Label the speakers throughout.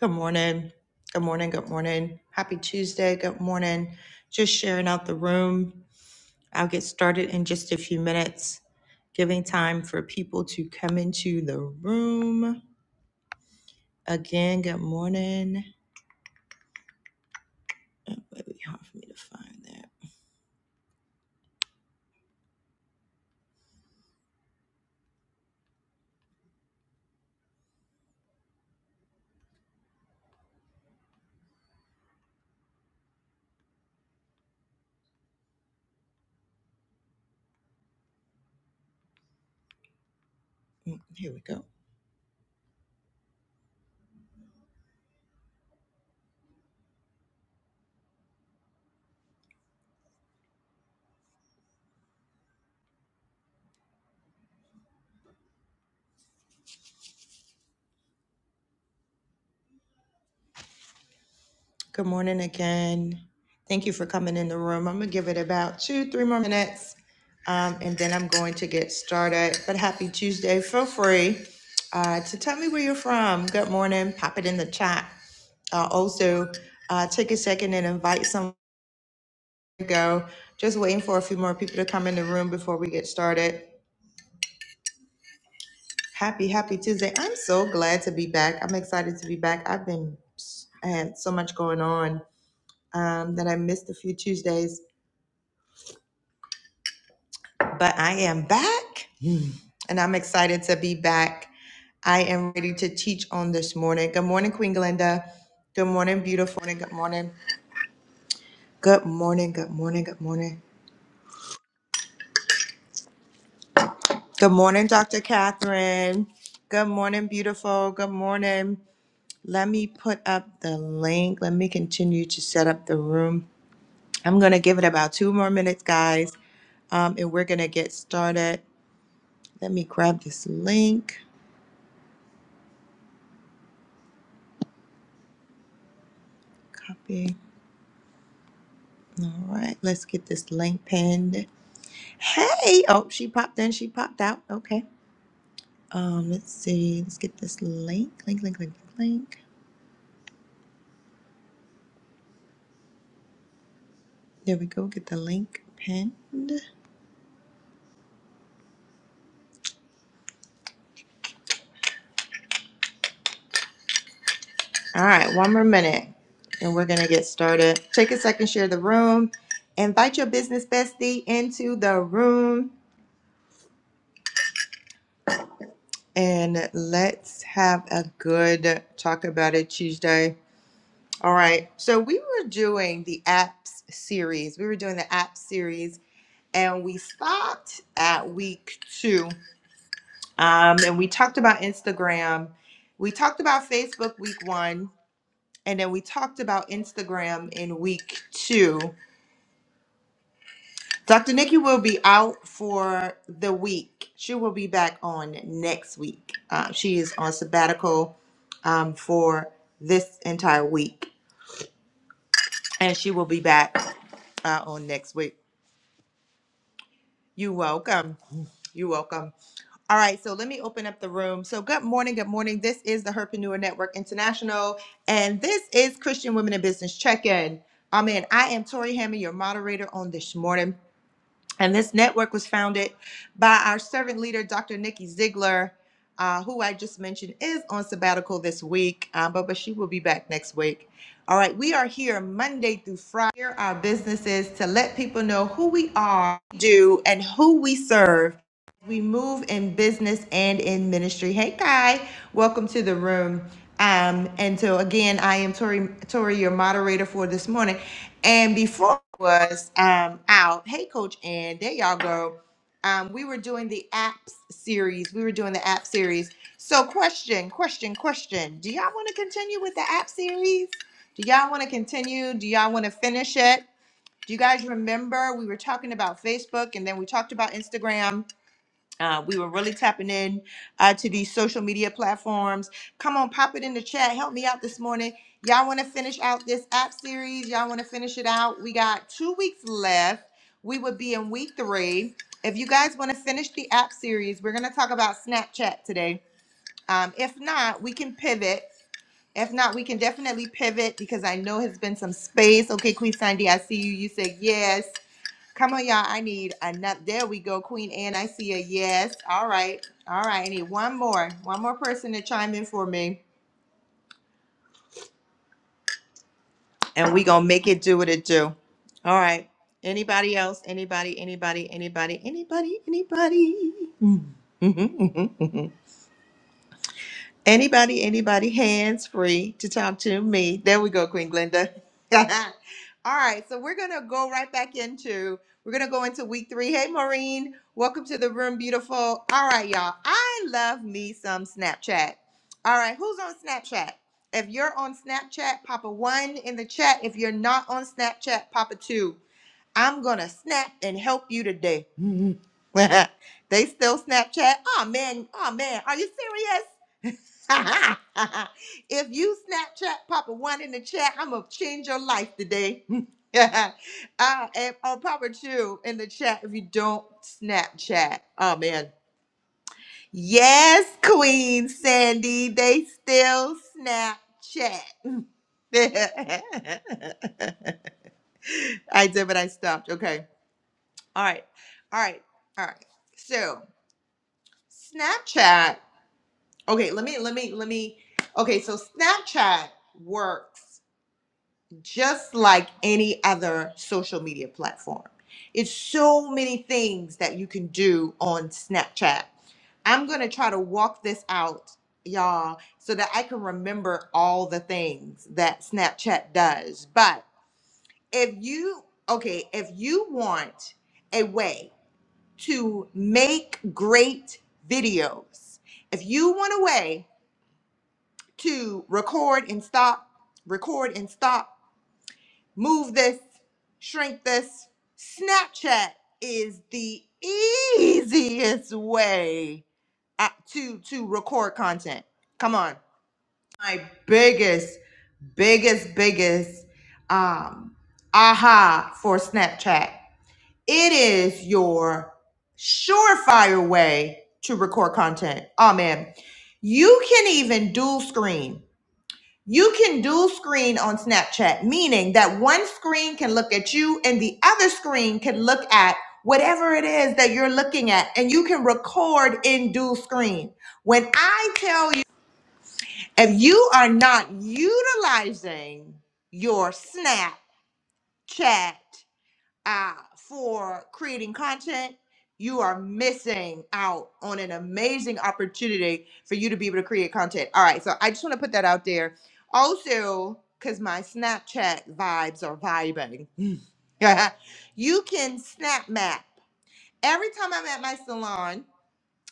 Speaker 1: Good morning. Good morning. Good morning. Happy Tuesday. Good morning. Just sharing out the room. I'll get started in just a few minutes, giving time for people to come into the room. Again, good morning. Oh, It might be hard for me to find that. Mm, Here we go. Good morning again. Thank you for coming in the room. I'm going to give it about two, three more minutes, um, and then I'm going to get started. But happy Tuesday. Feel free uh, to tell me where you're from. Good morning. Pop it in the chat. Uh, also, uh, take a second and invite someone to go. Just waiting for a few more people to come in the room before we get started. Happy, happy Tuesday. I'm so glad to be back. I'm excited to be back. I've been, I had so much going on um, that I missed a few Tuesdays. but I am back and I'm excited to be back. I am ready to teach on this morning. Good morning, Queen Glenda. Good morning, beautiful. Good morning. Good morning. Good morning. Good morning. Good morning, Dr. Catherine. Good morning, beautiful. Good morning. Let me put up the link. Let me continue to set up the room. I'm going to give it about two more minutes, guys, um, and we're going to get started. Let me grab this link. Copy. All right, let's get this link pinned. Hey, oh, she popped in, she popped out. Okay. Um, let's see. Let's get this link. Link, link, link, link, link. There we go. Get the link pinned. All right, one more minute, and we're gonna get started. Take a second, share the room, invite your business bestie into the room, and let's have a good talk about it Tuesday. All right. So we were doing the apps series. We were doing the app series and we stopped at week two. Um, and we talked about Instagram. We talked about Facebook week one, and then we talked about Instagram in week two. Dr. Nikki will be out for the week. She will be back on next week. Uh, she is on sabbatical um, for this entire week, and she will be back uh, on next week. You welcome. You welcome. All right, so let me open up the room. So, good morning, good morning. This is the Herpreneur Network International, and this is Christian Women in Business Check In. Amen. I am Tori Hammond, your moderator on this morning. And this network was founded by our servant leader, Dr. Nikki Ziegler, uh, who I just mentioned is on sabbatical this week, uh, but, but she will be back next week. All right, we are here Monday through Friday, here are our businesses to let people know who we are, do, and who we serve we move in business and in ministry. Hey, Kai, welcome to the room. Um, and so again, I am Tori, Tori, your moderator for this morning. And before I was um, out, hey, Coach Ann, there y'all go. Um, we were doing the apps series. We were doing the app series. So, question, question, question. Do y'all want to continue with the app series? Do y'all want to continue? Do y'all want to finish it? Do you guys remember we were talking about Facebook and then we talked about Instagram? Uh, we were really tapping in uh, to these social media platforms. Come on, pop it in the chat. Help me out this morning. Y'all want to finish out this app series? Y'all want to finish it out? We got two weeks left. We would be in week three. If you guys want to finish the app series, we're going to talk about Snapchat today. Um, if not, we can pivot. If not, we can definitely pivot because I know has been some space. Okay, Queen Sandy, I see you. You said yes. Come on, y'all. I need another. There we go, Queen Anne. I see a yes. All right. All right. I need one more. One more person to chime in for me. And we gonna make it do what it do. All right. Anybody else? Anybody? Anybody? Anybody? Anybody? Anybody? Mm. Mhm, mhm, mhm. Anybody, anybody, hands free to talk to me. There we go, Queen Glenda. All right, so we're gonna go right back into we're gonna go into week three. Hey, Maureen, welcome to the room, beautiful. All right, y'all. I love me some Snapchat. All right, who's on Snapchat? If you're on Snapchat, pop a one in the chat. If you're not on Snapchat, pop a two. I'm gonna snap and help you today. they still Snapchat. Oh man, oh man, are you serious? if you Snapchat Papa One in the chat, I'm gonna change your life today. uh, and uh, Papa Two in the chat if you don't Snapchat. Oh man. Yes, Queen Sandy, they still Snapchat. I did, but I stopped. Okay. All right. All right. All right. So Snapchat. Okay, let me let me let me Okay, so Snapchat works just like any other social media platform. It's so many things that you can do on Snapchat. I'm going to try to walk this out, y'all, so that I can remember all the things that Snapchat does. But if you okay, if you want a way to make great videos, if you want a way to record and stop, record and stop, move this, shrink this. Snapchat is the easiest way uh, to to record content. Come on. My biggest, biggest, biggest um aha for Snapchat. It is your surefire way to record content. Oh man. You can even dual screen you can dual screen on Snapchat, meaning that one screen can look at you and the other screen can look at whatever it is that you're looking at, and you can record in dual screen. When I tell you, if you are not utilizing your Snapchat, uh, for creating content, you are missing out on an amazing opportunity for you to be able to create content. All right, so I just want to put that out there. Also, because my Snapchat vibes are vibing, you can snap map. Every time I'm at my salon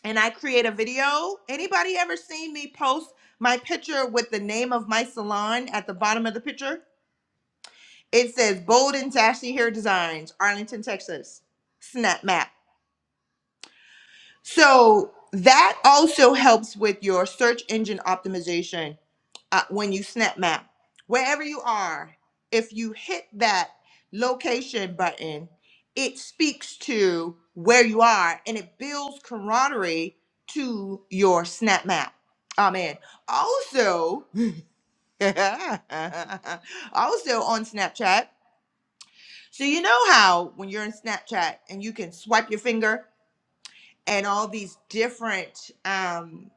Speaker 1: and I create a video, anybody ever seen me post my picture with the name of my salon at the bottom of the picture? It says bold and Ashley Hair Designs, Arlington, Texas. Snap map. So that also helps with your search engine optimization uh, when you snap map. Wherever you are, if you hit that location button, it speaks to where you are and it builds camaraderie to your snap map. Amen. Also, also on Snapchat. So you know how when you're in Snapchat and you can swipe your finger and all these different um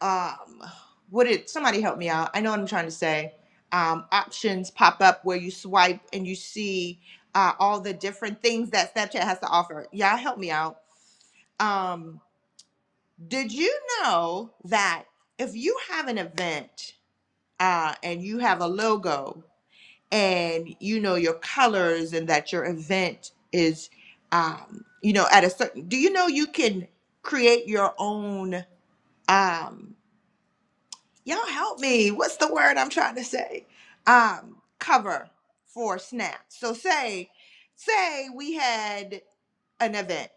Speaker 1: um what did somebody help me out? I know what I'm trying to say. Um, options pop up where you swipe and you see uh, all the different things that Snapchat has to offer. Yeah, help me out. Um, did you know that if you have an event uh, and you have a logo and you know your colors and that your event is um you know at a certain do you know you can create your own um y'all help me what's the word i'm trying to say um cover for snap so say say we had an event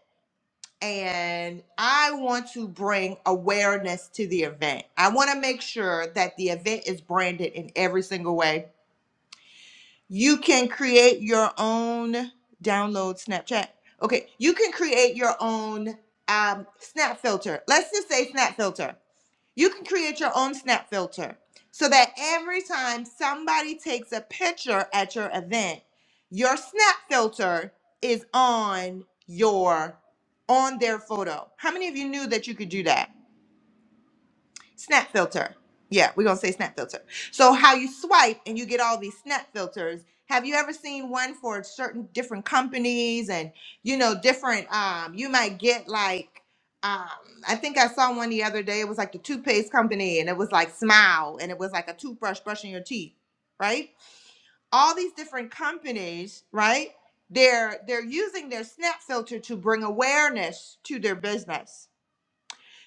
Speaker 1: and i want to bring awareness to the event i want to make sure that the event is branded in every single way You can create your own download Snapchat. Okay, you can create your own um, snap filter. Let's just say snap filter. You can create your own snap filter so that every time somebody takes a picture at your event, your snap filter is on your on their photo. How many of you knew that you could do that? Snap filter. Yeah, we're gonna say snap filter. So how you swipe and you get all these snap filters. Have you ever seen one for certain different companies and you know different? Um, you might get like um, I think I saw one the other day. It was like the toothpaste company and it was like Smile and it was like a toothbrush brushing your teeth, right? All these different companies, right? They're they're using their snap filter to bring awareness to their business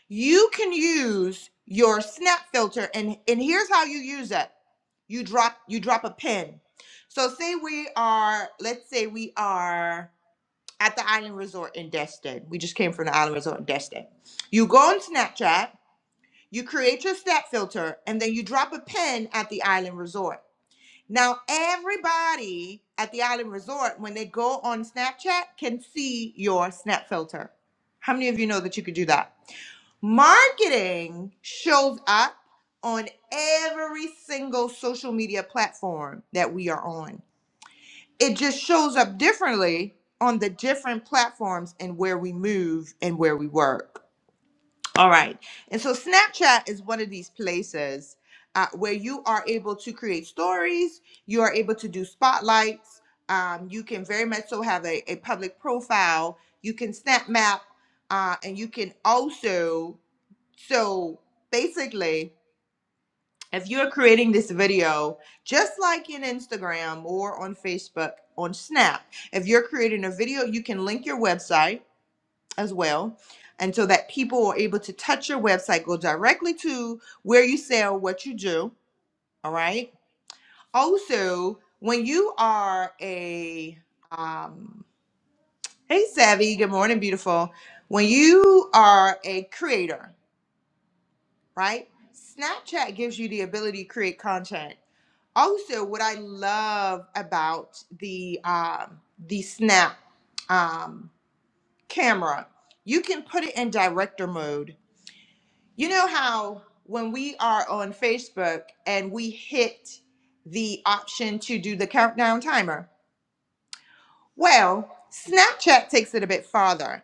Speaker 1: you can use your snap filter and and here's how you use it. You drop you drop a pin. So say we are let's say we are at the island resort in Destin. We just came from the island resort in Destin. You go on Snapchat, you create your snap filter and then you drop a pin at the island resort. Now everybody at the island resort when they go on Snapchat can see your snap filter. How many of you know that you could do that? Marketing shows up on every single social media platform that we are on. It just shows up differently on the different platforms and where we move and where we work. All right. And so Snapchat is one of these places uh, where you are able to create stories, you are able to do spotlights, um, you can very much so have a, a public profile, you can snap map, uh, and you can also so basically, if you're creating this video, just like in Instagram or on Facebook, on Snap, if you're creating a video, you can link your website as well. And so that people are able to touch your website, go directly to where you sell what you do. All right. Also, when you are a, um, hey, Savvy, good morning, beautiful. When you are a creator, right? Snapchat gives you the ability to create content. Also, what I love about the um, the Snap um, camera, you can put it in director mode. You know how when we are on Facebook and we hit the option to do the countdown timer. Well, Snapchat takes it a bit farther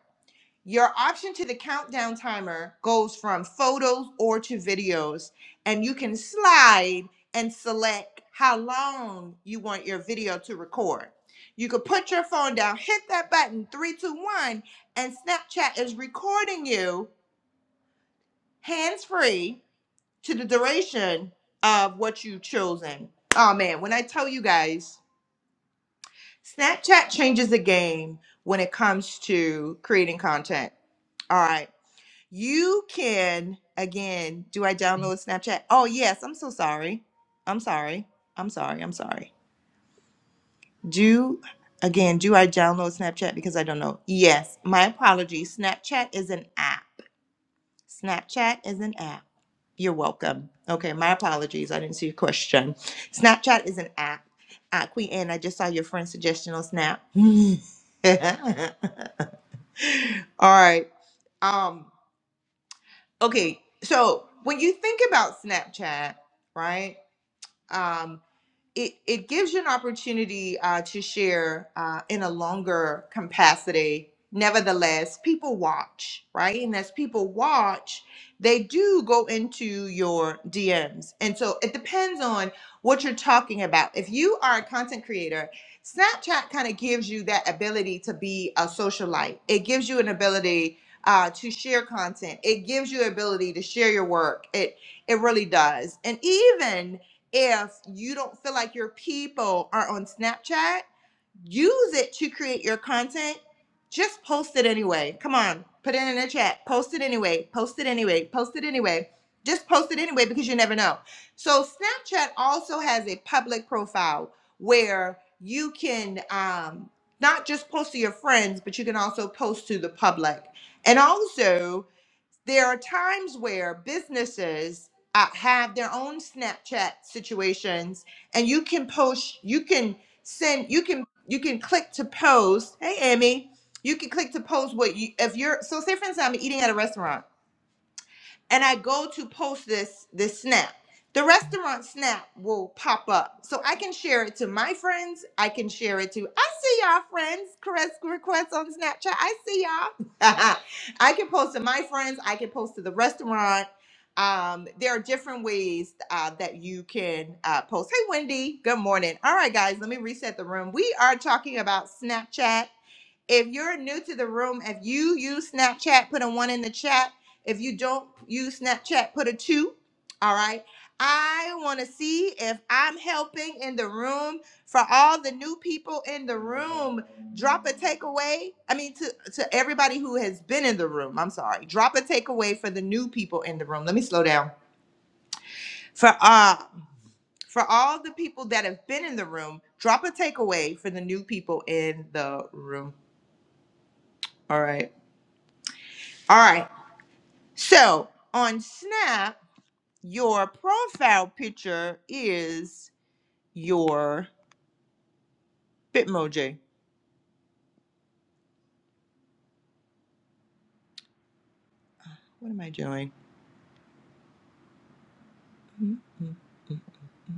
Speaker 1: your option to the countdown timer goes from photos or to videos, and you can slide and select how long you want your video to record. You could put your phone down, hit that button, three, two, one, and Snapchat is recording you hands free to the duration of what you've chosen. Oh man, when I tell you guys, Snapchat changes the game when it comes to creating content. All right. You can, again, do I download Snapchat? Oh, yes. I'm so sorry. I'm sorry. I'm sorry. I'm sorry. Do, again, do I download Snapchat? Because I don't know. Yes. My apologies. Snapchat is an app. Snapchat is an app. You're welcome. Okay. My apologies. I didn't see your question. Snapchat is an app. Uh, Queen Anne, I just saw your friend's suggestion on Snap. All right. Um, okay so when you think about snapchat right Um, it, it gives you an opportunity uh, to share uh, in a longer capacity. Nevertheless, people watch, right? And as people watch, they do go into your DMs. And so it depends on what you're talking about. If you are a content creator, Snapchat kind of gives you that ability to be a socialite, it gives you an ability. Uh, to share content, it gives you ability to share your work. It it really does, and even if you don't feel like your people are on Snapchat, use it to create your content. Just post it anyway. Come on, put it in the chat. Post it anyway. Post it anyway. Post it anyway. Just post it anyway because you never know. So Snapchat also has a public profile where you can um, not just post to your friends, but you can also post to the public. And also there are times where businesses uh, have their own Snapchat situations, and you can post, you can send, you can you can click to post. Hey, Amy, you can click to post what you if you're. So, say for instance, I'm eating at a restaurant and I go to post this this snap, the restaurant snap will pop up. So I can share it to my friends. I can share it to I see y'all friends request requests on Snapchat. I see y'all. I can post to my friends. I can post to the restaurant. Um, there are different ways uh, that you can uh, post. Hey, Wendy. Good morning. All right, guys. Let me reset the room. We are talking about Snapchat if you're new to the room, if you use Snapchat, put a one in the chat. If you don't use Snapchat, put a two. All right. I want to see if I'm helping in the room for all the new people in the room. Drop a takeaway. I mean, to, to everybody who has been in the room, I'm sorry. Drop a takeaway for the new people in the room. Let me slow down. For uh, for all the people that have been in the room, drop a takeaway for the new people in the room. All right. All right. So on Snap, your profile picture is your Bitmoji. What am I doing? Mm-hmm. Mm-hmm. Mm-hmm.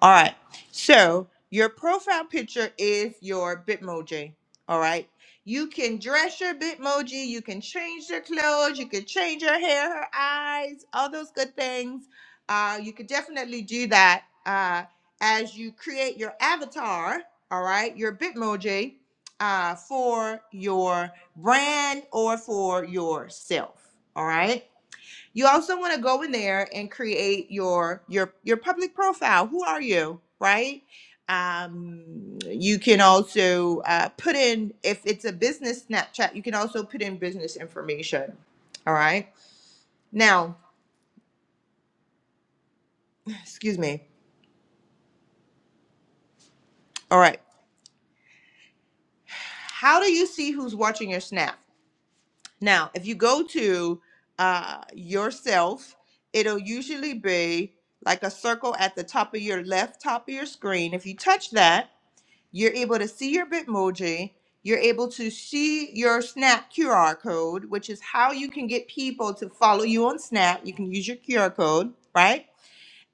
Speaker 1: All right. So your profile picture is your Bitmoji. All right. You can dress your Bitmoji. You can change your clothes. You can change her hair, her eyes, all those good things. Uh, you could definitely do that uh, as you create your avatar. All right, your Bitmoji uh, for your brand or for yourself. All right. You also want to go in there and create your your your public profile. Who are you, right? Um, you can also uh, put in if it's a business Snapchat. You can also put in business information. All right. Now, excuse me. All right. How do you see who's watching your snap? Now, if you go to uh, yourself, it'll usually be like a circle at the top of your left top of your screen. If you touch that You're able to see your Bitmoji. You're able to see your Snap QR code, which is how you can get people to follow you on Snap. You can use your QR code, right?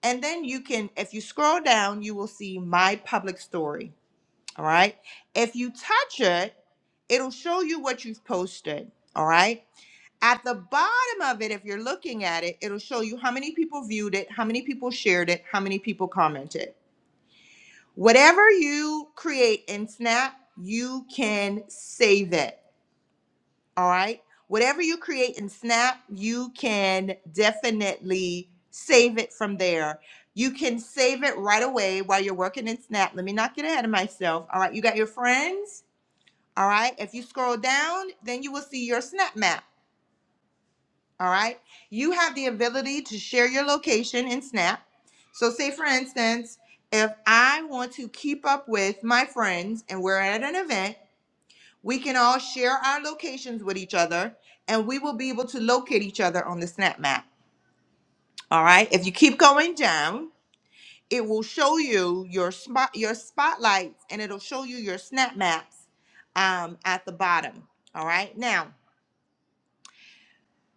Speaker 1: And then you can, if you scroll down, you will see My Public Story. All right. If you touch it, it'll show you what you've posted. All right. At the bottom of it, if you're looking at it, it'll show you how many people viewed it, how many people shared it, how many people commented. Whatever you create in Snap, you can save it. All right. Whatever you create in Snap, you can definitely save it from there. You can save it right away while you're working in Snap. Let me not get ahead of myself. All right. You got your friends. All right. If you scroll down, then you will see your Snap map. All right. You have the ability to share your location in Snap. So, say for instance, if I want to keep up with my friends and we're at an event, we can all share our locations with each other and we will be able to locate each other on the Snap map. All right. If you keep going down, it will show you your spot, your spotlights, and it'll show you your Snap maps um, at the bottom. All right. Now,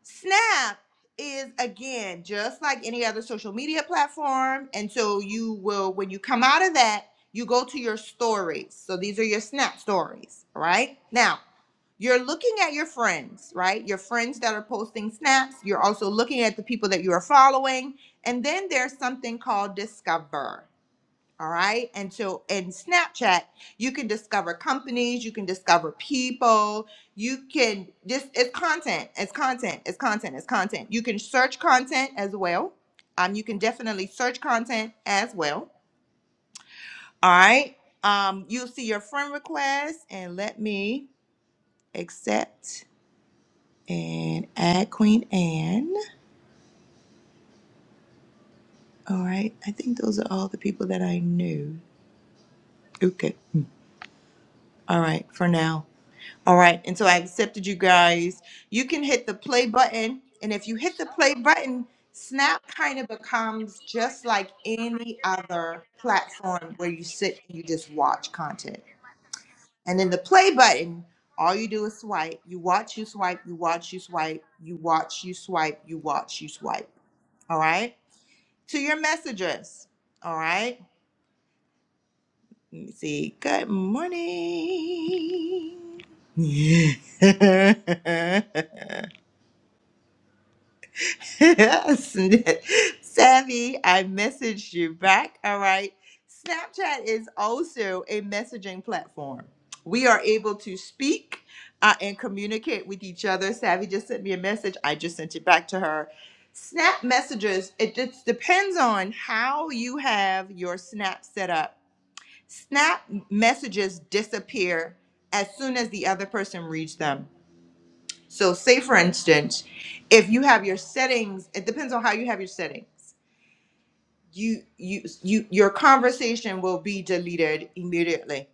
Speaker 1: Snap is again just like any other social media platform. And so you will, when you come out of that, you go to your stories. So these are your snap stories, right? Now, you're looking at your friends, right? Your friends that are posting snaps. You're also looking at the people that you are following. And then there's something called discover. All right. And so in Snapchat, you can discover companies, you can discover people, you can just it's content, it's content, it's content, it's content. You can search content as well. Um, you can definitely search content as well. All right. Um, you'll see your friend request and let me accept and add Queen Anne. All right. I think those are all the people that I knew. Okay. All right, for now. All right. And so I accepted you guys. You can hit the play button. And if you hit the play button, Snap kind of becomes just like any other platform where you sit and you just watch content. And then the play button, all you do is swipe. You watch, you swipe, you watch, you swipe, you watch, you swipe, you watch, you swipe. All right. To your messages. All right. Let me see. Good morning. Savvy, I messaged you back. All right. Snapchat is also a messaging platform. We are able to speak uh, and communicate with each other. Savvy just sent me a message. I just sent it back to her. Snap messages, it just depends on how you have your Snap set up. Snap messages disappear as soon as the other person reads them. So, say for instance, if you have your settings, it depends on how you have your settings. You, you, you, your conversation will be deleted immediately.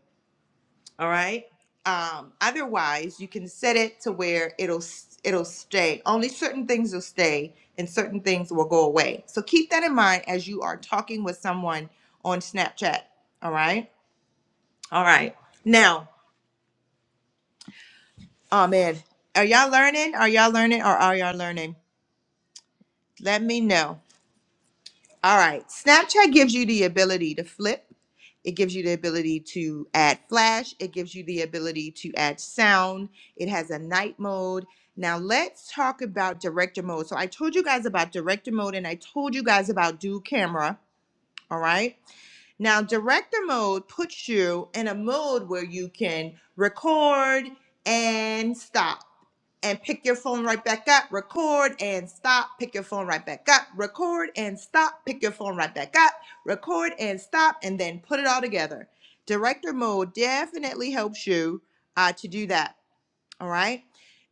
Speaker 1: All right. Um, otherwise, you can set it to where it'll s- it'll stay. Only certain things will stay, and certain things will go away. So keep that in mind as you are talking with someone on Snapchat. All right. All right. Now, oh man, are y'all learning? Are y'all learning? Or are y'all learning? Let me know. All right. Snapchat gives you the ability to flip. It gives you the ability to add flash. It gives you the ability to add sound. It has a night mode. Now let's talk about director mode. So I told you guys about director mode and I told you guys about dual camera. All right. Now director mode puts you in a mode where you can record and stop and pick your phone right back up, record and stop, pick your phone right back up, record and stop, pick your phone right back up, record and stop, and then put it all together. Director mode definitely helps you uh, to do that. All right.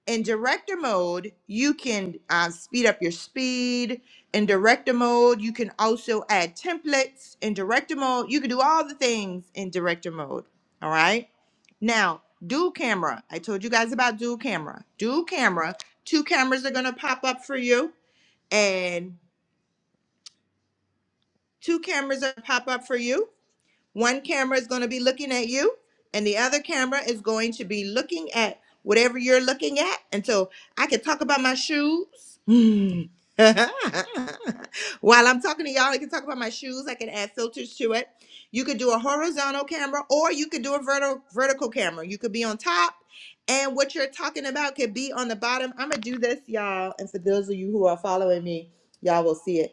Speaker 1: In director mode, you can uh, speed up your speed. In director mode, you can also add templates. In director mode, you can do all the things in director mode. All right. Now, dual camera. I told you guys about dual camera. Dual camera. Two cameras are going to pop up for you, and two cameras are gonna pop up for you. One camera is going to be looking at you, and the other camera is going to be looking at whatever you're looking at. And so I can talk about my shoes. Hmm. While I'm talking to y'all, I can talk about my shoes. I can add filters to it. You could do a horizontal camera or you could do a vertical vertical camera. You could be on top and what you're talking about could be on the bottom. I'm gonna do this, y'all. And for those of you who are following me, y'all will see it.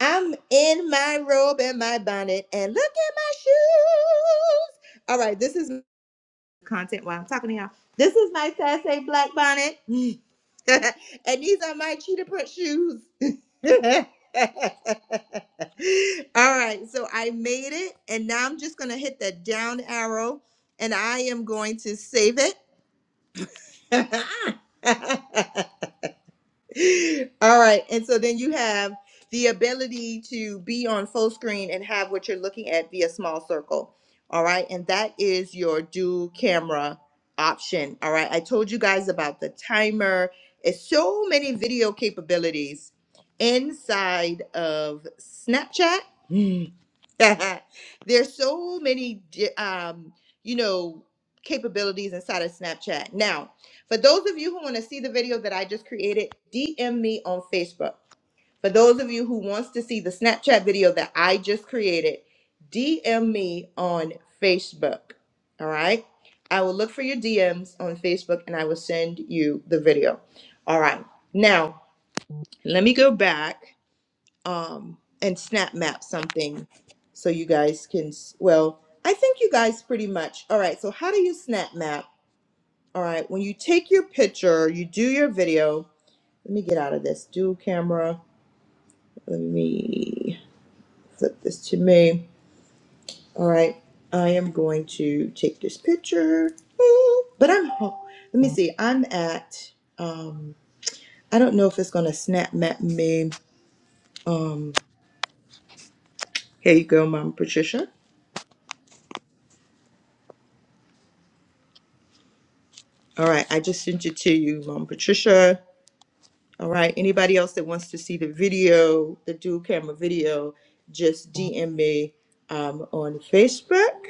Speaker 1: I'm in my robe and my bonnet, and look at my shoes. All right, this is content while I'm talking to y'all. This is my Sassy Black bonnet, and these are my cheetah print shoes. All right, so I made it, and now I'm just gonna hit the down arrow, and I am going to save it. All right. And so then you have the ability to be on full screen and have what you're looking at be a small circle. All right. And that is your dual camera option. All right. I told you guys about the timer. It's so many video capabilities inside of Snapchat. There's so many, di- um, you know, capabilities inside of Snapchat. Now, for those of you who want to see the video that I just created, DM me on Facebook. For those of you who wants to see the Snapchat video that I just created, DM me on Facebook. All right. I will look for your DMs on Facebook and I will send you the video. All right. Now, let me go back um, and snap map something so you guys can, s- well, I think you guys pretty much, all right, so how do you snap map? All right, when you take your picture, you do your video. Let me get out of this dual camera. Let me flip this to me. All right, I am going to take this picture. But I'm, ho- let me see, I'm at, um, I don't know if it's gonna snap map me. Um, here you go, Mom Patricia. All right, I just sent it to you, Mom Patricia. All right, anybody else that wants to see the video, the dual camera video, just DM me um, on Facebook.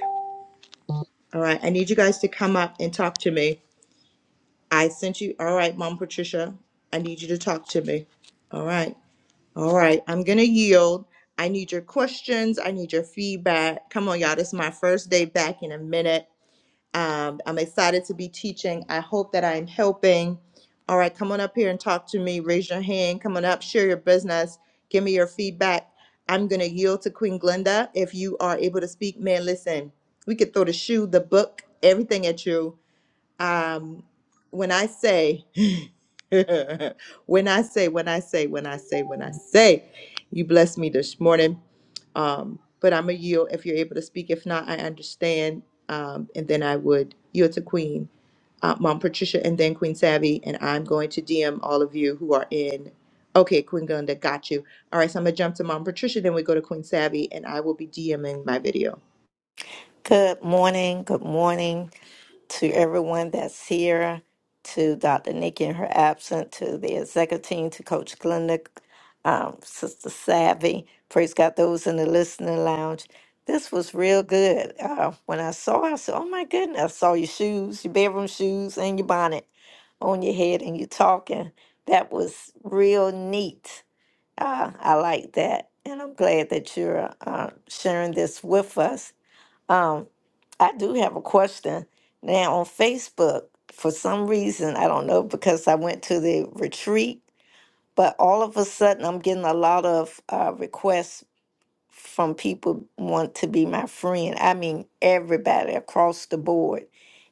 Speaker 1: All right, I need you guys to come up and talk to me. I sent you, all right, Mom Patricia, I need you to talk to me. All right, all right, I'm gonna yield. I need your questions, I need your feedback. Come on, y'all, this is my first day back in a minute. Um, I'm excited to be teaching. I hope that I'm helping. All right, come on up here and talk to me. Raise your hand. Come on up, share your business, give me your feedback. I'm going to yield to Queen Glenda. If you are able to speak, man, listen, we could throw the shoe, the book, everything at you. Um, when I say, when I say, when I say, when I say, when I say, you blessed me this morning. Um, but I'm a yield if you're able to speak. If not, I understand. Um, and then I would yield to Queen, uh, Mom Patricia, and then Queen Savvy. And I'm going to DM all of you who are in. Okay, Queen Glenda, got you. All right, so I'm gonna jump to Mom Patricia, then we go to Queen Savvy, and I will be DMing my video.
Speaker 2: Good morning. Good morning to everyone that's here, to Dr. Nikki in her absence, to the executive team, to Coach Glenda, um, Sister Savvy. Praise God, those in the listening lounge. This was real good. Uh, when I saw it, I said, Oh my goodness, I saw your shoes, your bedroom shoes, and your bonnet on your head, and you talking. That was real neat. Uh, I like that. And I'm glad that you're uh, sharing this with us um, I do have a question. Now on Facebook, for some reason, I don't know because I went to the retreat, but all of a sudden I'm getting a lot of uh, requests from people want to be my friend. I mean, everybody across the board.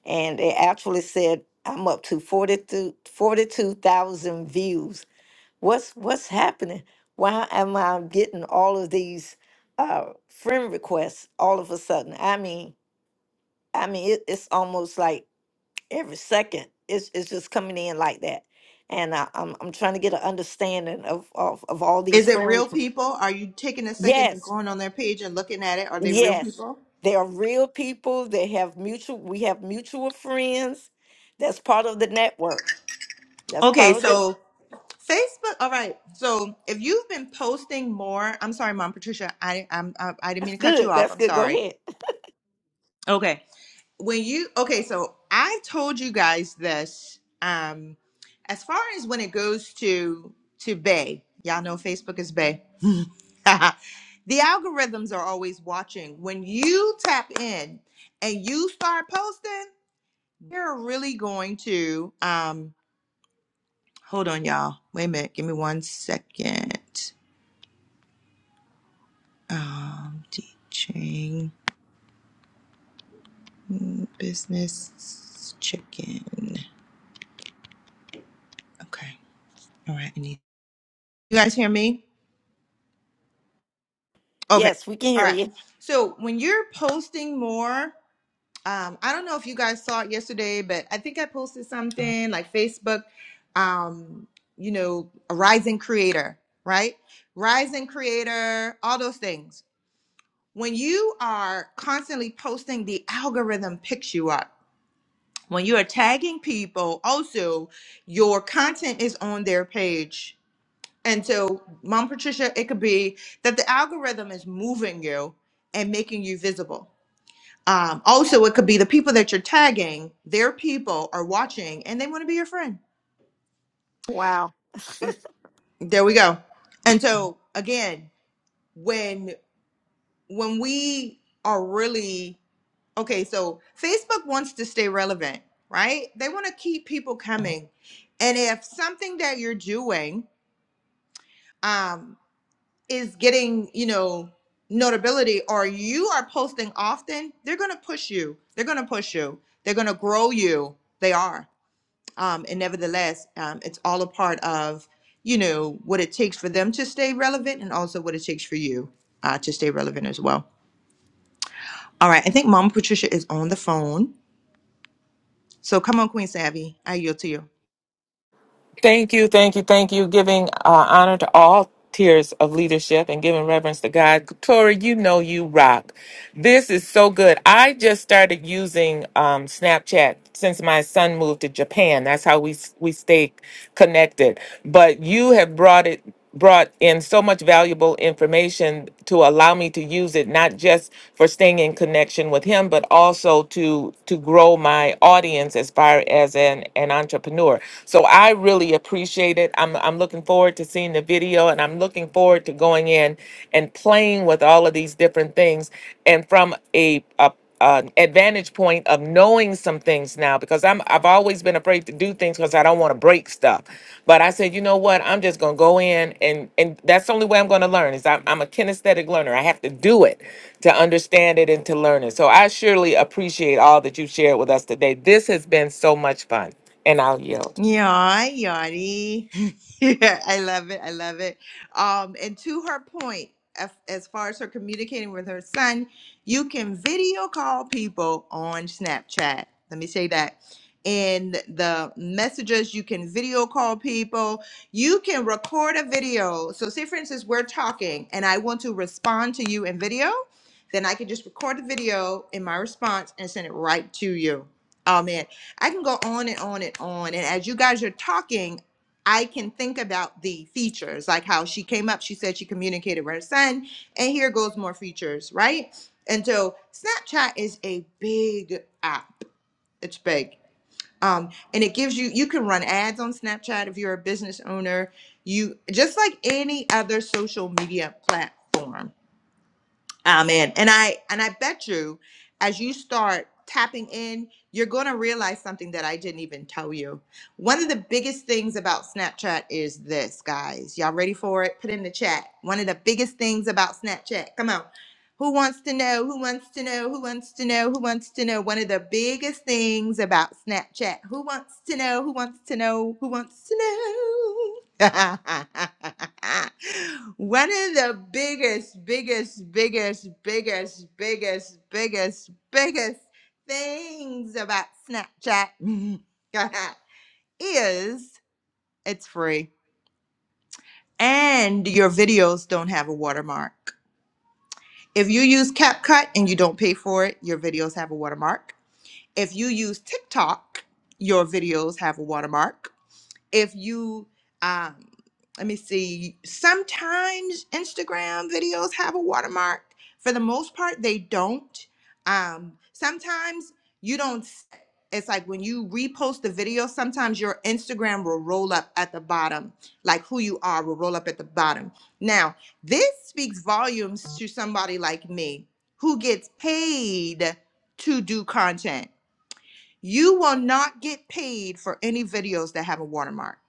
Speaker 2: And they actually said I'm up to 42 42,000 views. What's what's happening? Why am I getting all of these uh, friend requests all of a sudden? I mean, I mean, it, it's almost like every second it's it's just coming in like that, and I, I'm I'm trying to get an understanding of of of all these
Speaker 1: Is it real
Speaker 2: friends.
Speaker 1: people? Are you taking a second and
Speaker 2: Yes,
Speaker 1: going on their page and looking at it? Are they real
Speaker 2: yes,
Speaker 1: people?
Speaker 2: they are real people. They have mutual. We have mutual friends. That's part of the network. That's
Speaker 1: Okay,
Speaker 2: part of the.
Speaker 1: so Facebook. All right, so if you've been posting more, I'm sorry, Mom Patricia, I I'm, I, I didn't
Speaker 2: That's
Speaker 1: mean to cut you
Speaker 2: good.
Speaker 1: off.
Speaker 2: That's
Speaker 1: I'm
Speaker 2: good. Go
Speaker 1: sorry.
Speaker 2: ahead.
Speaker 1: Okay. When you okay, so I told you guys this. Um, as far as when it goes to to Bay, y'all know Facebook is Bay. the algorithms are always watching. When you tap in and you start posting, they're really going to um hold on y'all. Wait a minute, give me one second. Um teaching mm, business chicken. Okay. All right, I need You guys hear me? Okay.
Speaker 2: Yes, we can
Speaker 1: All
Speaker 2: hear
Speaker 1: right.
Speaker 2: you.
Speaker 1: So when you're posting more, um, I don't know if you guys saw it yesterday, but I think I posted something like Facebook, um, you know, a rising creator, right? Rising creator, all those things. When you are constantly posting, the algorithm picks you up. When you are tagging people, also your content is on their page And so, Mom Patricia, it could be that the algorithm is moving you and making you visible. Um, also, it could be the people that you're tagging, their people are watching and they want to be your friend.
Speaker 2: Wow.
Speaker 1: E- There we go. And so, again, when when we are really okay, so Facebook wants to stay relevant, right? They want to keep people coming. And if something that you're doing um, is getting, you know, notability or you are posting often, they're going to push you. They're going to push you. They're going to grow you. They are. Um, and nevertheless, um, it's all a part of, you know, what it takes for them to stay relevant and also what it takes for you uh, to stay relevant as well. All right. I think Mom Patricia is on the phone. So come on, Queen Savvy. I yield to you.
Speaker 3: Thank you, thank you, thank you. Giving uh, honor to all tiers of leadership and giving reverence to God. Tori, you know you rock. This is so good. I just started using um, Snapchat since my son moved to Japan. That's how we we stay connected. But you have brought it brought in so much valuable information to allow me to use it not just for staying in connection with him but also to to grow my audience as far as an an entrepreneur so i really appreciate it i'm i'm looking forward to seeing the video and i'm looking forward to going in and playing with all of these different things and from a, a uh, advantage point of knowing some things now because I'm I've always been afraid to do things because I don't want to break stuff. But I said, you know what? I'm just gonna go in and and that's the only way I'm gonna learn is I'm, I'm a kinesthetic learner. I have to do it to understand it and to learn it. So I surely appreciate all that you shared with us today. This has been so much fun, and I'll yield.
Speaker 1: Yeah, yachty. yeah, I love it. I love it. Um, and to her point, as, as far as her communicating with her son, you can video call people on Snapchat. Let me say that. In the messages, you can video call people. You can record a video. So, say for instance, we're talking and I want to respond to you in video, then I can just record the video in my response and send it right to you. Oh man. I can go on and on and on. And as you guys are talking, I can think about the features, like how she came up, she said she communicated with her son, and here goes more features, right? And so Snapchat is a big app. It's big. Um, and it gives you you can run ads on Snapchat if you're a business owner. You just like any other social media platform Amen. And I and I bet you, as you start tapping in, you're going to realize something that I didn't even tell you. One of the biggest things about Snapchat is this, guys. Y'all ready for it? Put in the chat. One of the biggest things about Snapchat. Come on. Who wants to know? Who wants to know? Who wants to know? Who wants to know? One of the biggest things about Snapchat. Who wants to know? Who wants to know? Who wants to know? One of the biggest, biggest, biggest, biggest, biggest, biggest, biggest things about Snapchat is it's free and your videos don't have a watermark. If you use CapCut and you don't pay for it, your videos have a watermark. If you use TikTok, your videos have a watermark. if you um let me see sometimes instagram videos have a watermark for the most part they don't um sometimes you don't s- it's like when you repost the video sometimes your instagram will roll up at the bottom like who you are will roll up at the bottom now this speaks volumes to somebody like me who gets paid to do content you will not get paid for any videos that have a watermark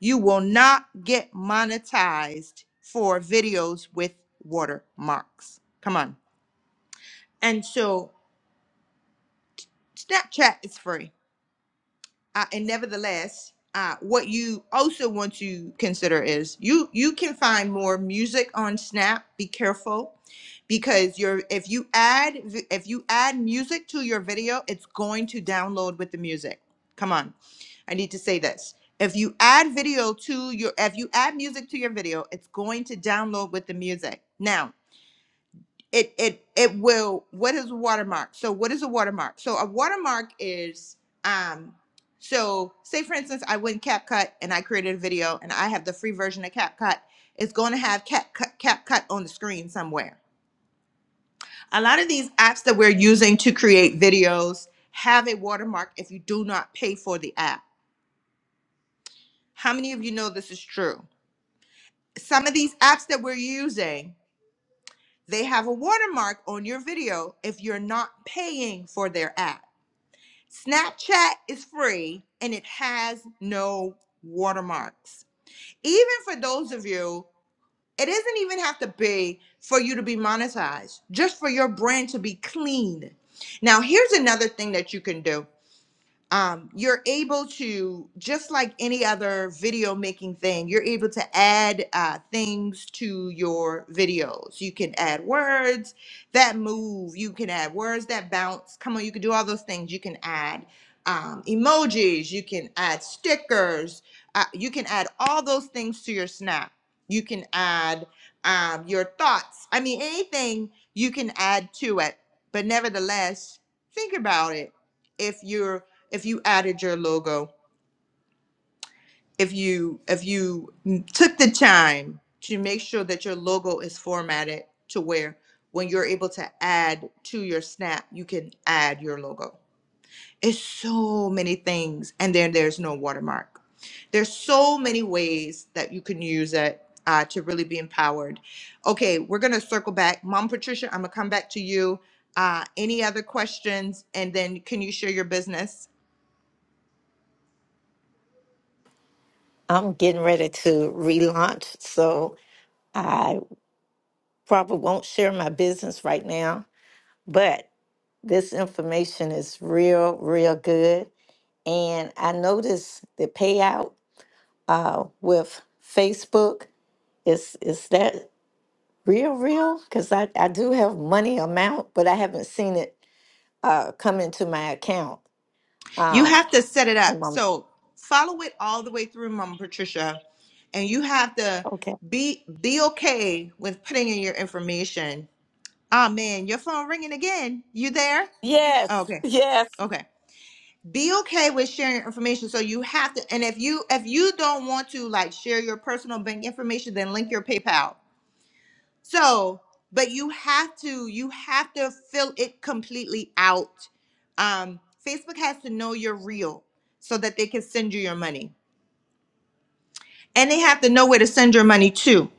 Speaker 1: you will not get monetized for videos with watermarks. Come on. And so Snapchat is free. Uh, and nevertheless, uh, what you also want to consider is you you can find more music on Snap. Be careful because you're if you add vi- if you add music to your video, it's going to download with the music. Come on I need to say this. If you add video to your if you add music to your video, it's going to download with the music. Now, it it it will what is a watermark? So what is a watermark? So a watermark is um so say for instance I went CapCut and I created a video and I have the free version of CapCut. It's going to have CapCut, CapCut on the screen somewhere. A lot of these apps that we're using to create videos have a watermark if you do not pay for the app. How many of you know this is true? some of these apps that we're using, they have a watermark on your video if you're not paying for their app. Snapchat is free and it has no watermarks. Even for those of you, it doesn't even have to be for you to be monetized, just for your brand to be clean. Now, here's another thing that you can do um, you're able to just like any other video making thing you're able to add uh, things to your videos you can add words that move you can add words that bounce come on you can do all those things you can add um, emojis you can add stickers uh, you can add all those things to your snap you can add um, your thoughts i mean anything you can add to it but nevertheless think about it if you're if you added your logo, if you if you took the time to make sure that your logo is formatted to where when you're able to add to your snap, you can add your logo. It's so many things and then there's no watermark. There's so many ways that you can use it uh, to really be empowered. Okay, we're gonna circle back. Mom Patricia, I'm gonna come back to you. Uh, any other questions? And then can you share your business?
Speaker 2: I'm getting ready to relaunch, so I probably won't share my business right now. but. This information is real, real good. And I noticed the payout uh, with Facebook is is that real, real? Because I, I do have money amount, but I haven't seen it uh, come into my account.
Speaker 1: You
Speaker 2: Um,
Speaker 1: have to set it up.
Speaker 2: and I'm-
Speaker 1: So follow it all the way through, Mama Patricia. And you have to
Speaker 2: okay.
Speaker 1: be be okay with putting in your information. Ah man, your phone ringing again. You there?
Speaker 2: Yes,
Speaker 1: Okay.
Speaker 2: yes.
Speaker 1: Okay. Be okay with sharing your information. So you have to, and if you if you don't want to like share your personal bank information, then link your PayPal. So, but you have to you have to fill it completely out. Um, Facebook has to know you're real so that they can send you your money, and they have to know where to send your money to.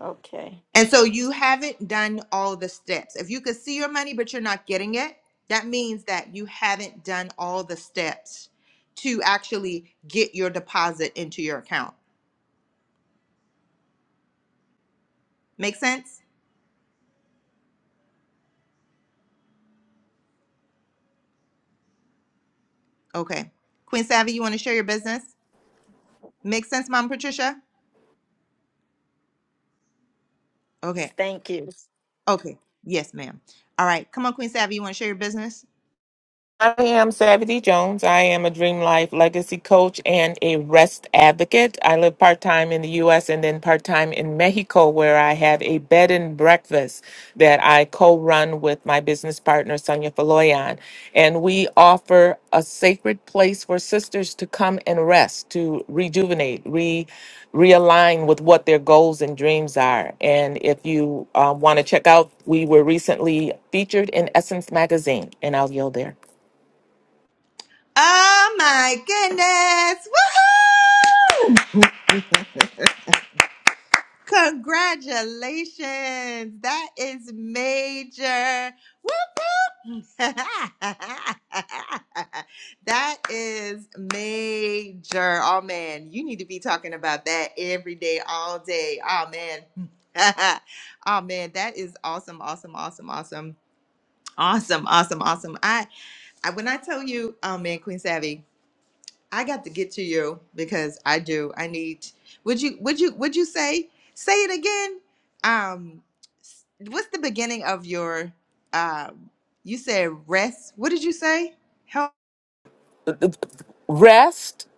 Speaker 2: Okay.
Speaker 1: And so you haven't done all the steps. If you could see your money but you're not getting it, that means that you haven't done all the steps to actually get your deposit into your account. Make sense? Okay. Queen Savvy, you want to share your business? Make sense, Mom Patricia? Okay.
Speaker 2: Thank you.
Speaker 1: Okay. Yes, ma'am. All right. Come on, Queen Savvy. You want to share your business?
Speaker 3: I am Savvy D Jones. I am a Dream Life legacy coach and a rest advocate. I live part time in the US and then part time in Mexico, where I have a bed and breakfast that I co run with my business partner, Sonia Faloyan. And we offer a sacred place for sisters to come and rest, to rejuvenate, re realign with what their goals and dreams are. And if you uh, want to check out, we were recently featured in Essence Magazine, and I'll yield there.
Speaker 1: Oh my goodness. Woohoo! Congratulations. That is major. Whoop whoop. that is major. Oh man, you need to be talking about that every day, all day. Oh man. oh man, that is awesome, awesome, awesome, awesome. Awesome, awesome, awesome. I. I, when I tell you, oh man, Queen Savvy, I got to get to you because I do. I need. Would you? Would you? Would you say? Say it again. Um, s- what's the beginning of your? Um, you said rest. What did you say? Help.
Speaker 3: REST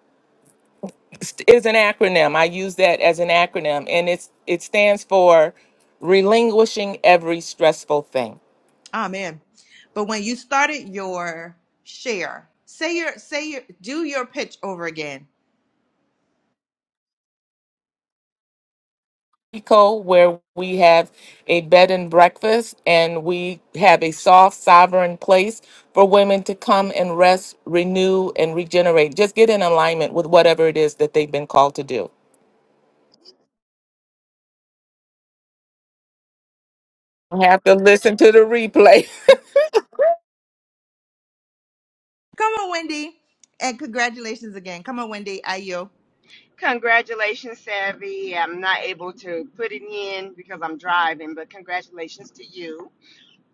Speaker 3: is an acronym. I use that as an acronym, and it's it stands for relinquishing every stressful thing.
Speaker 1: Oh man. But when you started your share, say your say your do your pitch over again.
Speaker 3: Eco, where we have a bed and breakfast, and we have a soft, sovereign place for women to come and rest, renew, and regenerate. Just get in alignment with whatever it is that they've been called to do. You Have to listen to the replay.
Speaker 1: Come on, Wendy, and congratulations again. Come on, Wendy. I you.
Speaker 4: Congratulations, Savvy. I'm not able to put it in because I'm driving, but congratulations to you.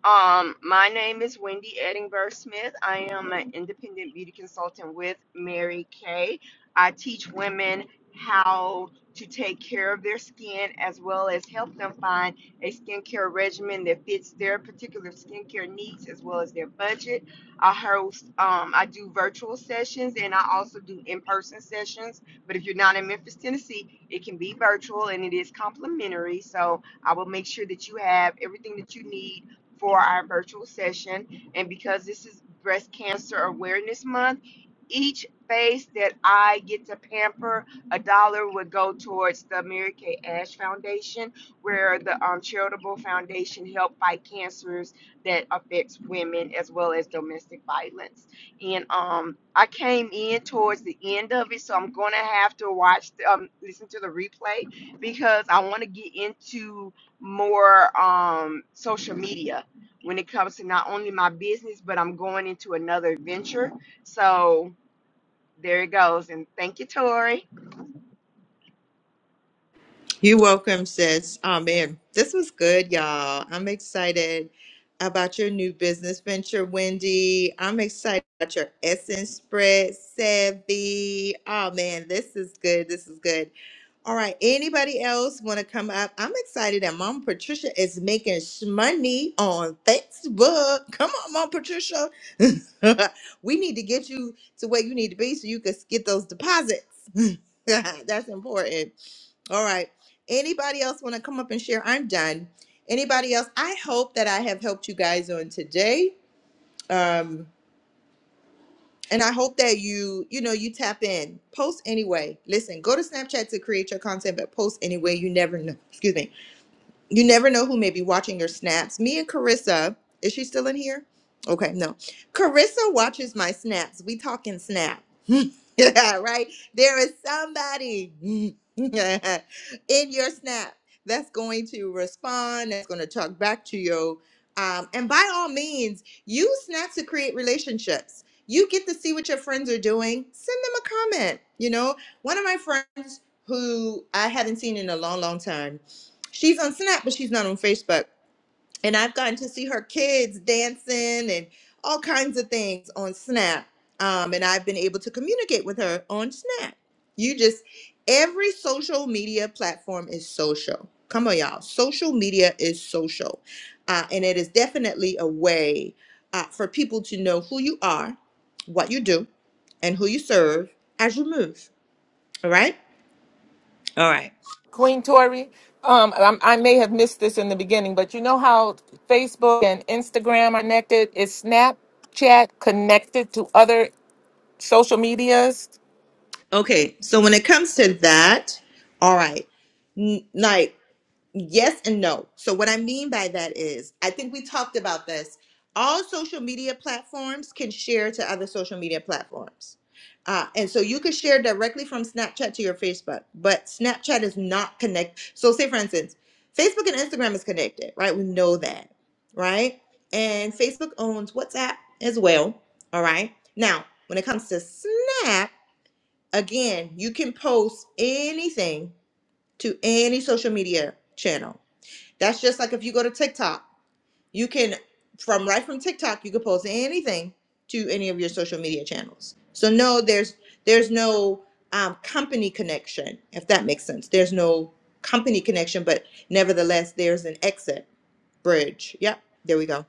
Speaker 4: Um, my name is Wendy Edinburgh Smith. I am an independent beauty consultant with Mary Kay. I teach women how to take care of their skin as well as help them find a skincare regimen that fits their particular skincare needs as well as their budget. I host, um, I do virtual sessions and I also do in person sessions. But if you're not in Memphis, Tennessee, it can be virtual and it is complimentary. So I will make sure that you have everything that you need for our virtual session. And because this is Breast Cancer Awareness Month, each face that I get to pamper, a dollar would go towards the Mary Kay Ash Foundation, where the um, charitable foundation help fight cancers that affects women as well as domestic violence. And um, I came in towards the end of it, so I'm going to have to watch, the, um, listen to the replay because I want to get into more um, social media when it comes to not only my business, but I'm going into another venture. So there it goes. And thank you, Tori.
Speaker 1: You're welcome, sis. Oh man, this was good, y'all. I'm excited about your new business venture, Wendy. I'm excited about your essence spread, Savvy. Oh man, this is good. This is good. All right. Anybody else want to come up? I'm excited that Mom Patricia is making money on Facebook. Come on, Mom Patricia. we need to get you to where you need to be so you can get those deposits. That's important. All right. Anybody else want to come up and share? I'm done. Anybody else? I hope that I have helped you guys on today. Um, and I hope that you, you know, you tap in. Post anyway. Listen, go to Snapchat to create your content, but post anyway. You never know. Excuse me. You never know who may be watching your snaps. Me and Carissa, is she still in here? Okay, no. Carissa watches my snaps. We talking snap. yeah, right? There is somebody in your snap that's going to respond, that's going to talk back to you. Um, and by all means, use snaps to create relationships. You get to see what your friends are doing. Send them a comment. You know, one of my friends who I haven't seen in a long, long time she's on Snap, but she's not on Facebook. And I've gotten to see her kids dancing and all kinds of things on Snap. Um, and I've been able to communicate with her on Snap. You just, every social media platform is social. Come on, y'all. Social media is social. Uh, and it is definitely a way uh, for people to know who you are, what you do, and who you serve as you move. All right? All right.
Speaker 3: Queen Tori, um, I'm- i may have missed this in the beginning, but you know how Facebook and Instagram are connected? Is Snapchat connected to other social medias?
Speaker 1: Okay, so when it comes to that, all right, n- like yes and no. So what I mean by that is, I think we talked about this. All social media platforms can share to other social media platforms. Uh, and so you could share directly from Snapchat to your Facebook, but Snapchat is not connect. So say for instance, Facebook and Instagram is connected, right? We know that, right? And Facebook owns WhatsApp as well. All right. Now, when it comes to Snap, Again, you can post anything to any social media channel. That's just like if you go to TikTok, you can from right from TikTok, you can post anything to any of your social media channels. So no, there's there's no um, company connection, if that makes sense. There's no company connection, but nevertheless, there's an exit bridge. Yep, there we go.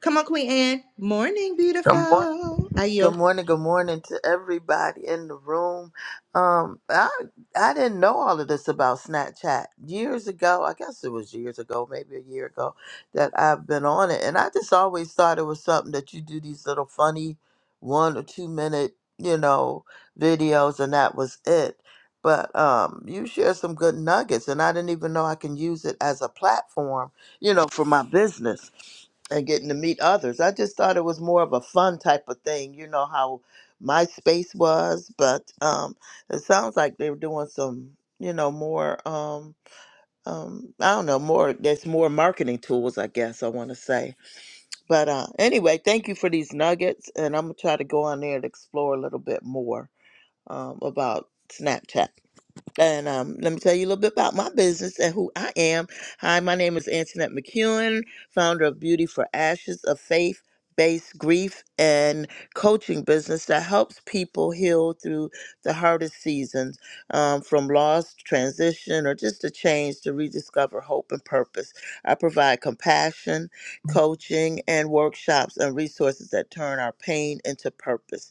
Speaker 1: Come on, Queen Anne. Morning,
Speaker 5: Good morning.
Speaker 1: beautiful.
Speaker 5: Good
Speaker 1: Ayo.
Speaker 5: morning. Good morning to everybody in the room. Um, I I didn't know all of this about Snapchat years ago. I guess it was years ago, maybe a year ago, that I've been on it, and I just always thought it was something that you do these little funny one or two minute, you know, videos, and that was it. But um, you share some good nuggets, and I didn't even know I can use it as a platform, you know, for my business and getting to meet others. I just thought it was more of a fun type of thing. You know how my space was, but um, it sounds like they were doing some, you know, more. Um, um, I don't know more. There's more marketing tools, I guess. I want to say, but uh, anyway, thank you for these nuggets, and I'm gonna try to go on there and explore a little bit more um, about Snapchat. And um, let me tell you a little bit about my business and who I am. Hi, my name is Antoinette McEwen, founder of Beauty for Ashes, a faith based grief and coaching business that helps people heal through the hardest seasons um, from loss, transition, or just a change to rediscover hope and purpose. I provide compassion, coaching, and workshops and resources that turn our pain into purpose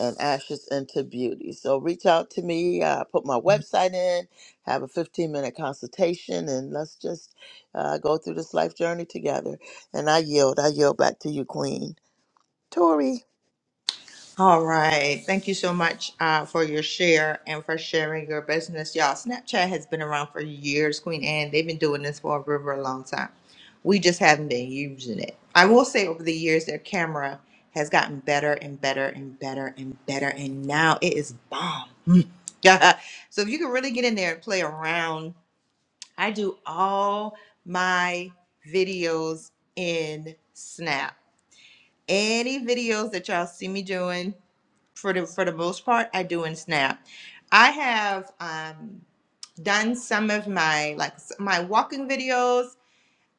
Speaker 5: and ashes into beauty. So reach out to me. Uh, put my website in. Have a 15 minute consultation, and let's just uh, go through this life journey together. And I yield. I yield back to you, Queen Tori.
Speaker 1: All right. Thank you so much uh, for your share and for sharing your business. Y'all, Snapchat has been around for years, Queen Anne. They've been doing this for a river a long time. We just haven't been using it. I will say over the years, their camera has gotten better and better and better and better. And now it is bomb. Mm. Yeah. so if you can really get in there and play around, I do all my videos in Snap. Any videos that y'all see me doing, for the for the most part i do in snap i have um done some of my like s- my walking videos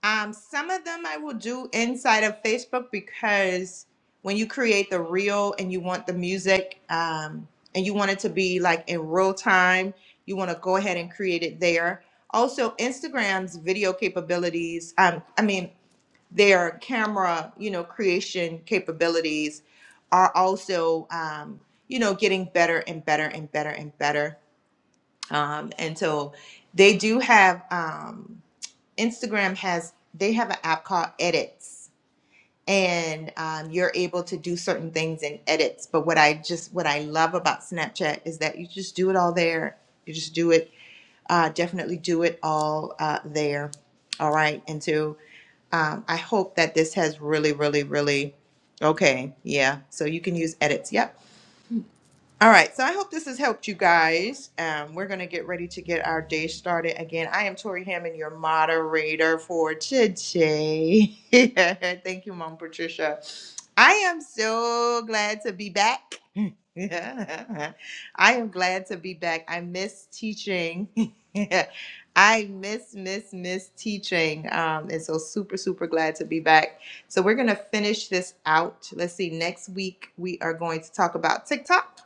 Speaker 1: um some of them i will do inside of facebook because when you create the reel and you want the music um and you want it to be like in real time you want to go ahead and create it there also instagram's video capabilities um i mean their camera, you know, creation capabilities are also, um, you know, getting better and better and better and better. Um, and so they do have um, Instagram has they have an app called Edits, and um, you're able to do certain things in edits. But what I just what I love about Snapchat is that you just do it all there. You just do it uh, definitely do it all uh, there. All right. And so um, I hope that this has really, really, really, okay. Yeah. So you can use edits. Yep. All right. So I hope this has helped you guys. Um, we're going to get ready to get our day started again. I am Tori Hammond, your moderator for today. Thank you, Mom Patricia. I am so glad to be back. I am glad to be back. I miss teaching. I miss, miss, miss teaching. Um, and so super, super glad to be back. So we're gonna finish this out. Let's see, next week we are going to talk about TikTok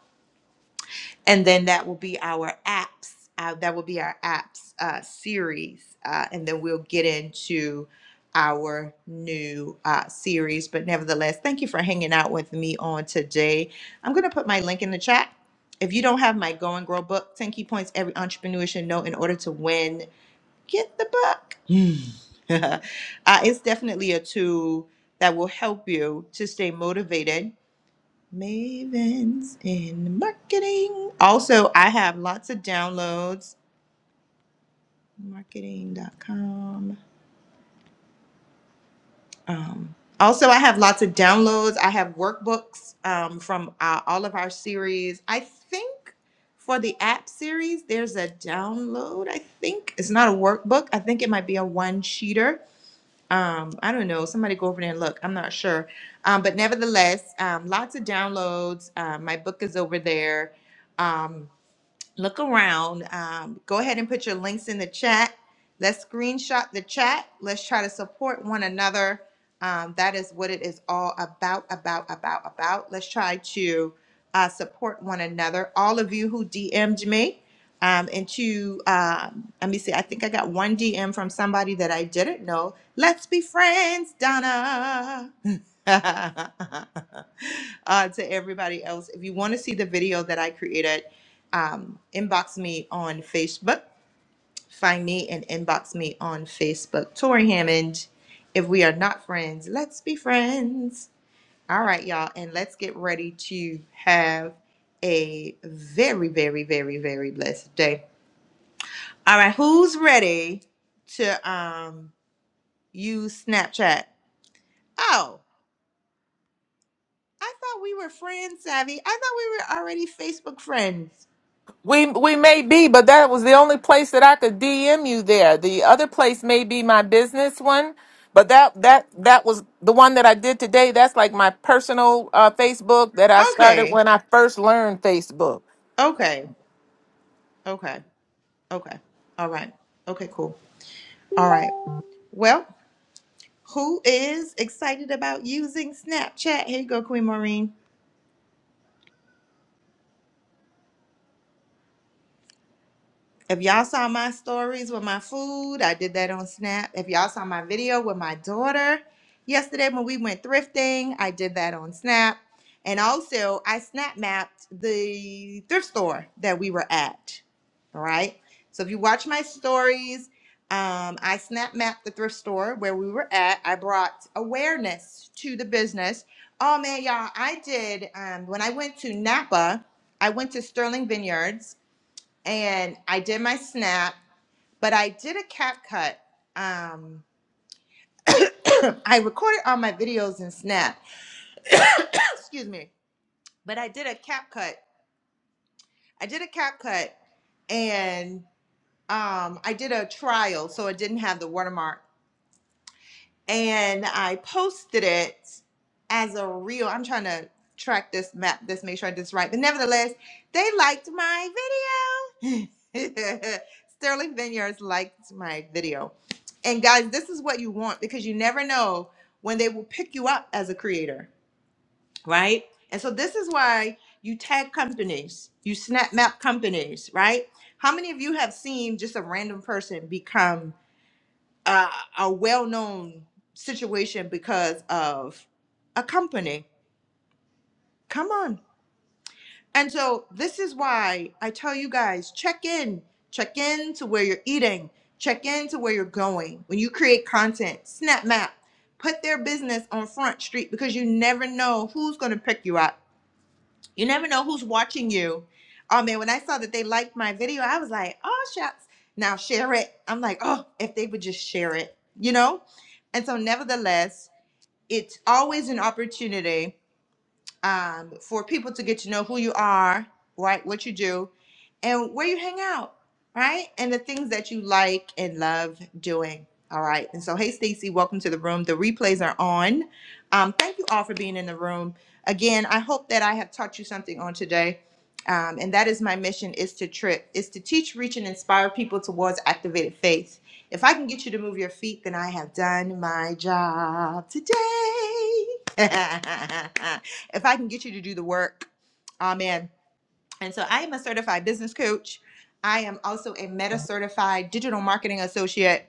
Speaker 1: and then that will be our apps uh, that will be our apps uh, series uh, and then we'll get into our new uh, series but nevertheless thank you for hanging out with me on today i'm going to put my link in the chat if you don't have my go and grow book 10 key points every entrepreneur should know in order to win get the book Hmm. uh, it's definitely a tool that will help you to stay motivated Mavens in marketing. Also, I have lots of downloads. marketing Marketing.com. Um, also, I have lots of downloads. I have workbooks um, from uh, all of our series. I think for the app series, there's a download. I think it's not a workbook. I think it might be a one sheeter. Um, I don't know. Somebody go over there and look. I'm not sure. Um, but nevertheless, um, lots of downloads. Uh, my book is over there. Um, look around. Um, go ahead and put your links in the chat. Let's screenshot the chat. Let's try to support one another. Um, that is what it is all about, about, about, about. Let's try to uh, support one another. All of you who DM'd me, um, and to, um, let me see, I think I got one DM from somebody that I didn't know. Let's be friends, Donna. uh, to everybody else, if you want to see the video that I created, um, inbox me on Facebook. Find me and inbox me on Facebook. Tori Hammond. If we are not friends, let's be friends. All right, y'all. And let's get ready to have a very, very, very, very blessed day. All right, who's ready to um use Snapchat? Oh, I thought we were friends, Savvy. I thought we were already Facebook friends.
Speaker 3: We we may be, but that was the only place that I could DM you there. The other place may be my business one, but that that that was the one that I did today. That's like my personal uh, Facebook that I started
Speaker 1: Okay.
Speaker 3: when I first learned Facebook.
Speaker 1: Okay. Okay. Okay. All right. Okay, cool. All right. Well, who is excited about using Snapchat? Here you go, Queen Maureen. If y'all saw my stories with my food, I did that on Snap. If y'all saw my video with my daughter yesterday when we went thrifting, I did that on Snap. And also, I snap mapped the thrift store that we were at. All right. So if you watch my stories, um, I snap mapped the thrift store where we were at. I brought awareness to the business. Oh man, y'all! I did um, when I went to Napa. I went to Sterling Vineyards and I did my snap, but I did a cap cut. Um, I recorded all my videos in Snap. Excuse me. But I did a cap cut. I did a cap cut and um, I did a trial, so it didn't have the watermark and I posted it as a reel. I'm trying to track this map, this make sure I did this right. But nevertheless, they liked my video. Sterling Vineyards liked my video. And guys, this is what you want because you never know when they will pick you up as a creator, right? And so this is why you tag companies, you snap map companies, right? How many of you have seen just a random person become uh, a well-known situation because of a company. Come on. And so this is why I tell you guys, check in, check in to where you're eating, check in to where you're going. When you create content, snap map, put their business on front street because you never know who's going to pick you up you never know who's watching you. Oh man, when I saw that they liked my video, I was like, oh shucks. Now share it. I'm like, oh, if they would just share it, you know? And so, nevertheless, it's always an opportunity um, for people to get to know who you are, right, what you do, and where you hang out, right, and the things that you like and love doing. All right. And so, hey, Stacy, welcome to the room. The replays are on. Um, thank you all for being in the room. Again, I hope that I have taught you something on today. Um, and that is my mission is to trip, is to teach, reach, and inspire people towards activated faith. If I can get you to move your feet, then I have done my job today. if I can get you to do the work. Amen. And so I am a certified business coach. I am also a meta certified digital marketing associate,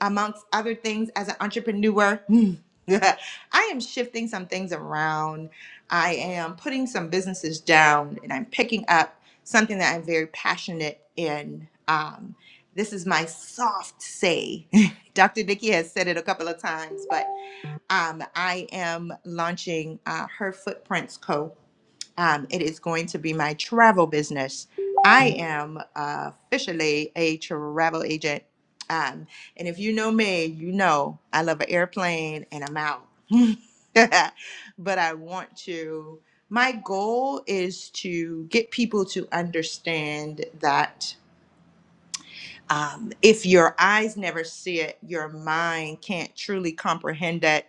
Speaker 1: amongst other things, as an entrepreneur. Hmm. I am shifting some things around. I am putting some businesses down and I'm picking up something that I'm very passionate in. Um, this is my soft say. Dr. Nikki has said it a couple of times, but um, I am launching uh, Her Footprints Co um, it is going to be my travel business. I am uh, officially a travel agent. Um, and if you know me, you know I love an airplane and I'm out. but I want to, my goal is to get people to understand that um, if your eyes never see it, your mind can't truly comprehend it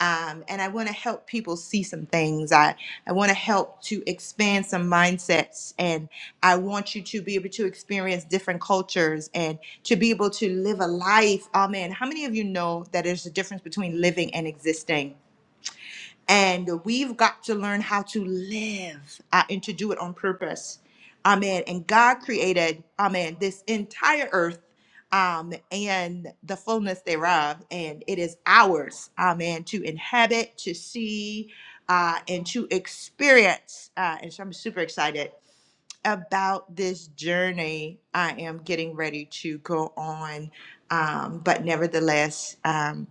Speaker 1: um, and I want to help people see some things. I, I want to help to expand some mindsets. And I want you to be able to experience different cultures and to be able to live a life. Oh, man. How many of you know that there's a difference between living and existing? And we've got to learn how to live uh, and to do it on purpose. Amen. And God created, amen, this entire earth um, and the fullness thereof. And it is ours, amen, to inhabit, to see, uh, and to experience. Uh, and so I'm super excited about this journey I am getting ready to go on. Um, but nevertheless, um,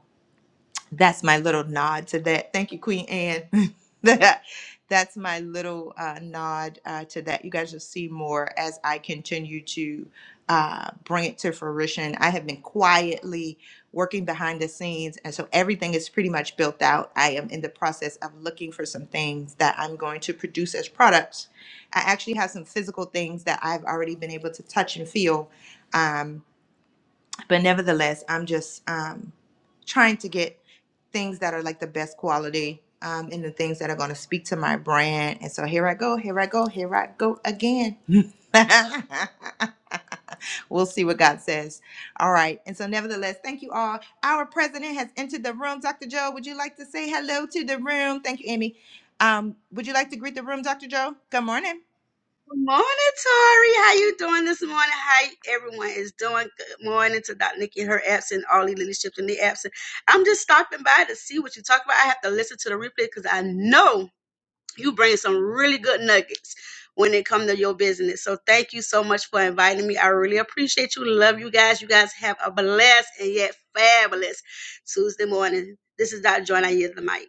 Speaker 1: that's my little nod to that. Thank you, Queen Anne. that that's my little uh, nod uh, to that. You guys will see more as I continue to uh, bring it to fruition. I have been quietly working behind the scenes, and so everything is pretty much built out. I am in the process of looking for some things that I'm going to produce as products. I actually have some physical things that I've already been able to touch and feel. Um, but nevertheless, I'm just um, trying to get things that are like the best quality um, and the things that are going to speak to my brand. And so here I go, here I go, here I go again. we'll see what God says. All right. And so, nevertheless, thank you all. Our president has entered the room. Dr. Joe, would you like to say hello to the room? Thank you, Amy. Um, would you like to greet the room, Dr. Joe? Good morning.
Speaker 6: Good morning, Tori. How you doing this morning? How everyone is doing? Good morning to Dr. Nikki and her absent, all the leadership in the absent. I'm just stopping by to see what you talk about. I have to listen to the replay because I know you bring some really good nuggets when it comes to your business. So thank you so much for inviting me. I really appreciate you. Love you guys. You guys have a blessed and yet fabulous Tuesday morning. This is Dr. Joy. I use the mic.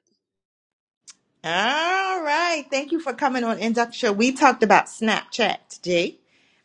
Speaker 1: All right. Thank you for coming on Induct Show. We talked about Snapchat today.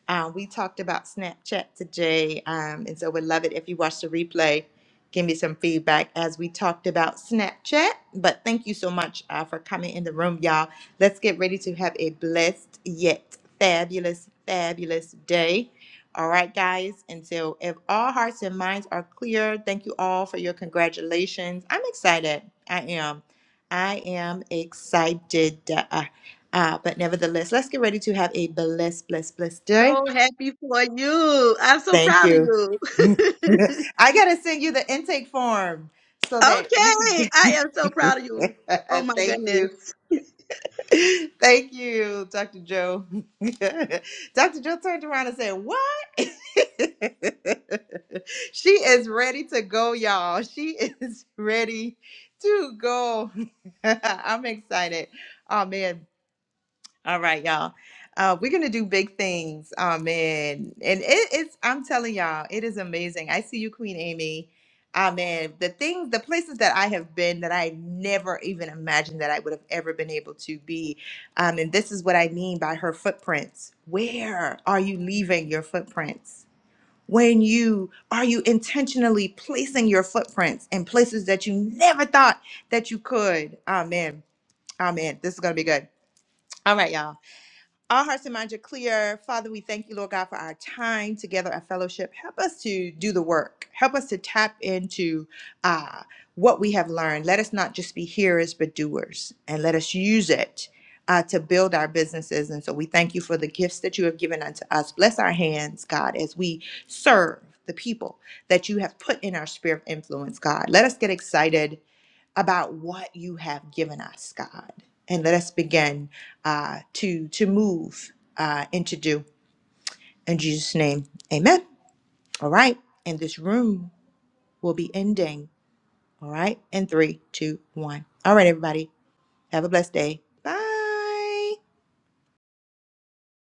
Speaker 1: Uh, we talked about Snapchat today. Um, and so would love it if you watch the replay. Give me some feedback as we talked about Snapchat. But thank you so much uh, for coming in the room, y'all. Let's get ready to have a blessed yet fabulous, fabulous day. All right, guys. And so if all hearts and minds are clear, thank you all for your congratulations. I'm excited. I am. I am excited. Uh, uh, but nevertheless, let's get ready to have a blessed, blessed, blessed day.
Speaker 6: So happy for you. I'm so
Speaker 1: Thank
Speaker 6: proud of
Speaker 1: you.
Speaker 6: you.
Speaker 1: I got to send you the intake form so that we can
Speaker 6: Okay,
Speaker 1: get.
Speaker 6: I am so proud of you. Oh my
Speaker 1: Thank
Speaker 6: goodness.
Speaker 1: you. Thank you, Dr. Joe. Dr. Joe turned around and said, What? she is ready to go, y'all. She is ready to go. I'm excited. Oh, man. All right, y'all. Uh, we're gonna do big things, um, and and it, it's I'm telling y'all, it is amazing. I see you, Queen Amy. Um, and the things, the places that I have been that I never even imagined that I would have ever been able to be. Um, and this is what I mean by her footprints. Where are you leaving your footprints? When you are you intentionally placing your footprints in places that you never thought that you could? Amen. Amen. This is gonna be good. All right, y'all. Our hearts and minds are clear. Father, we thank you, Lord God, for our time together, our fellowship. Help us to do the work. Help us to tap into uh, what we have learned. Let us not just be hearers, but doers. And let us use it uh, to build our businesses. And so we thank you for the gifts that you have given unto us. Bless our hands, God, as we serve the people that you have put in our sphere of influence, God. Let us get excited about what you have given us, God. And let us begin uh, to to move uh, and to do. In Jesus' name, amen. All right. And this room will be ending. All right. In three, two, one. All right, everybody. Have a blessed day. Bye.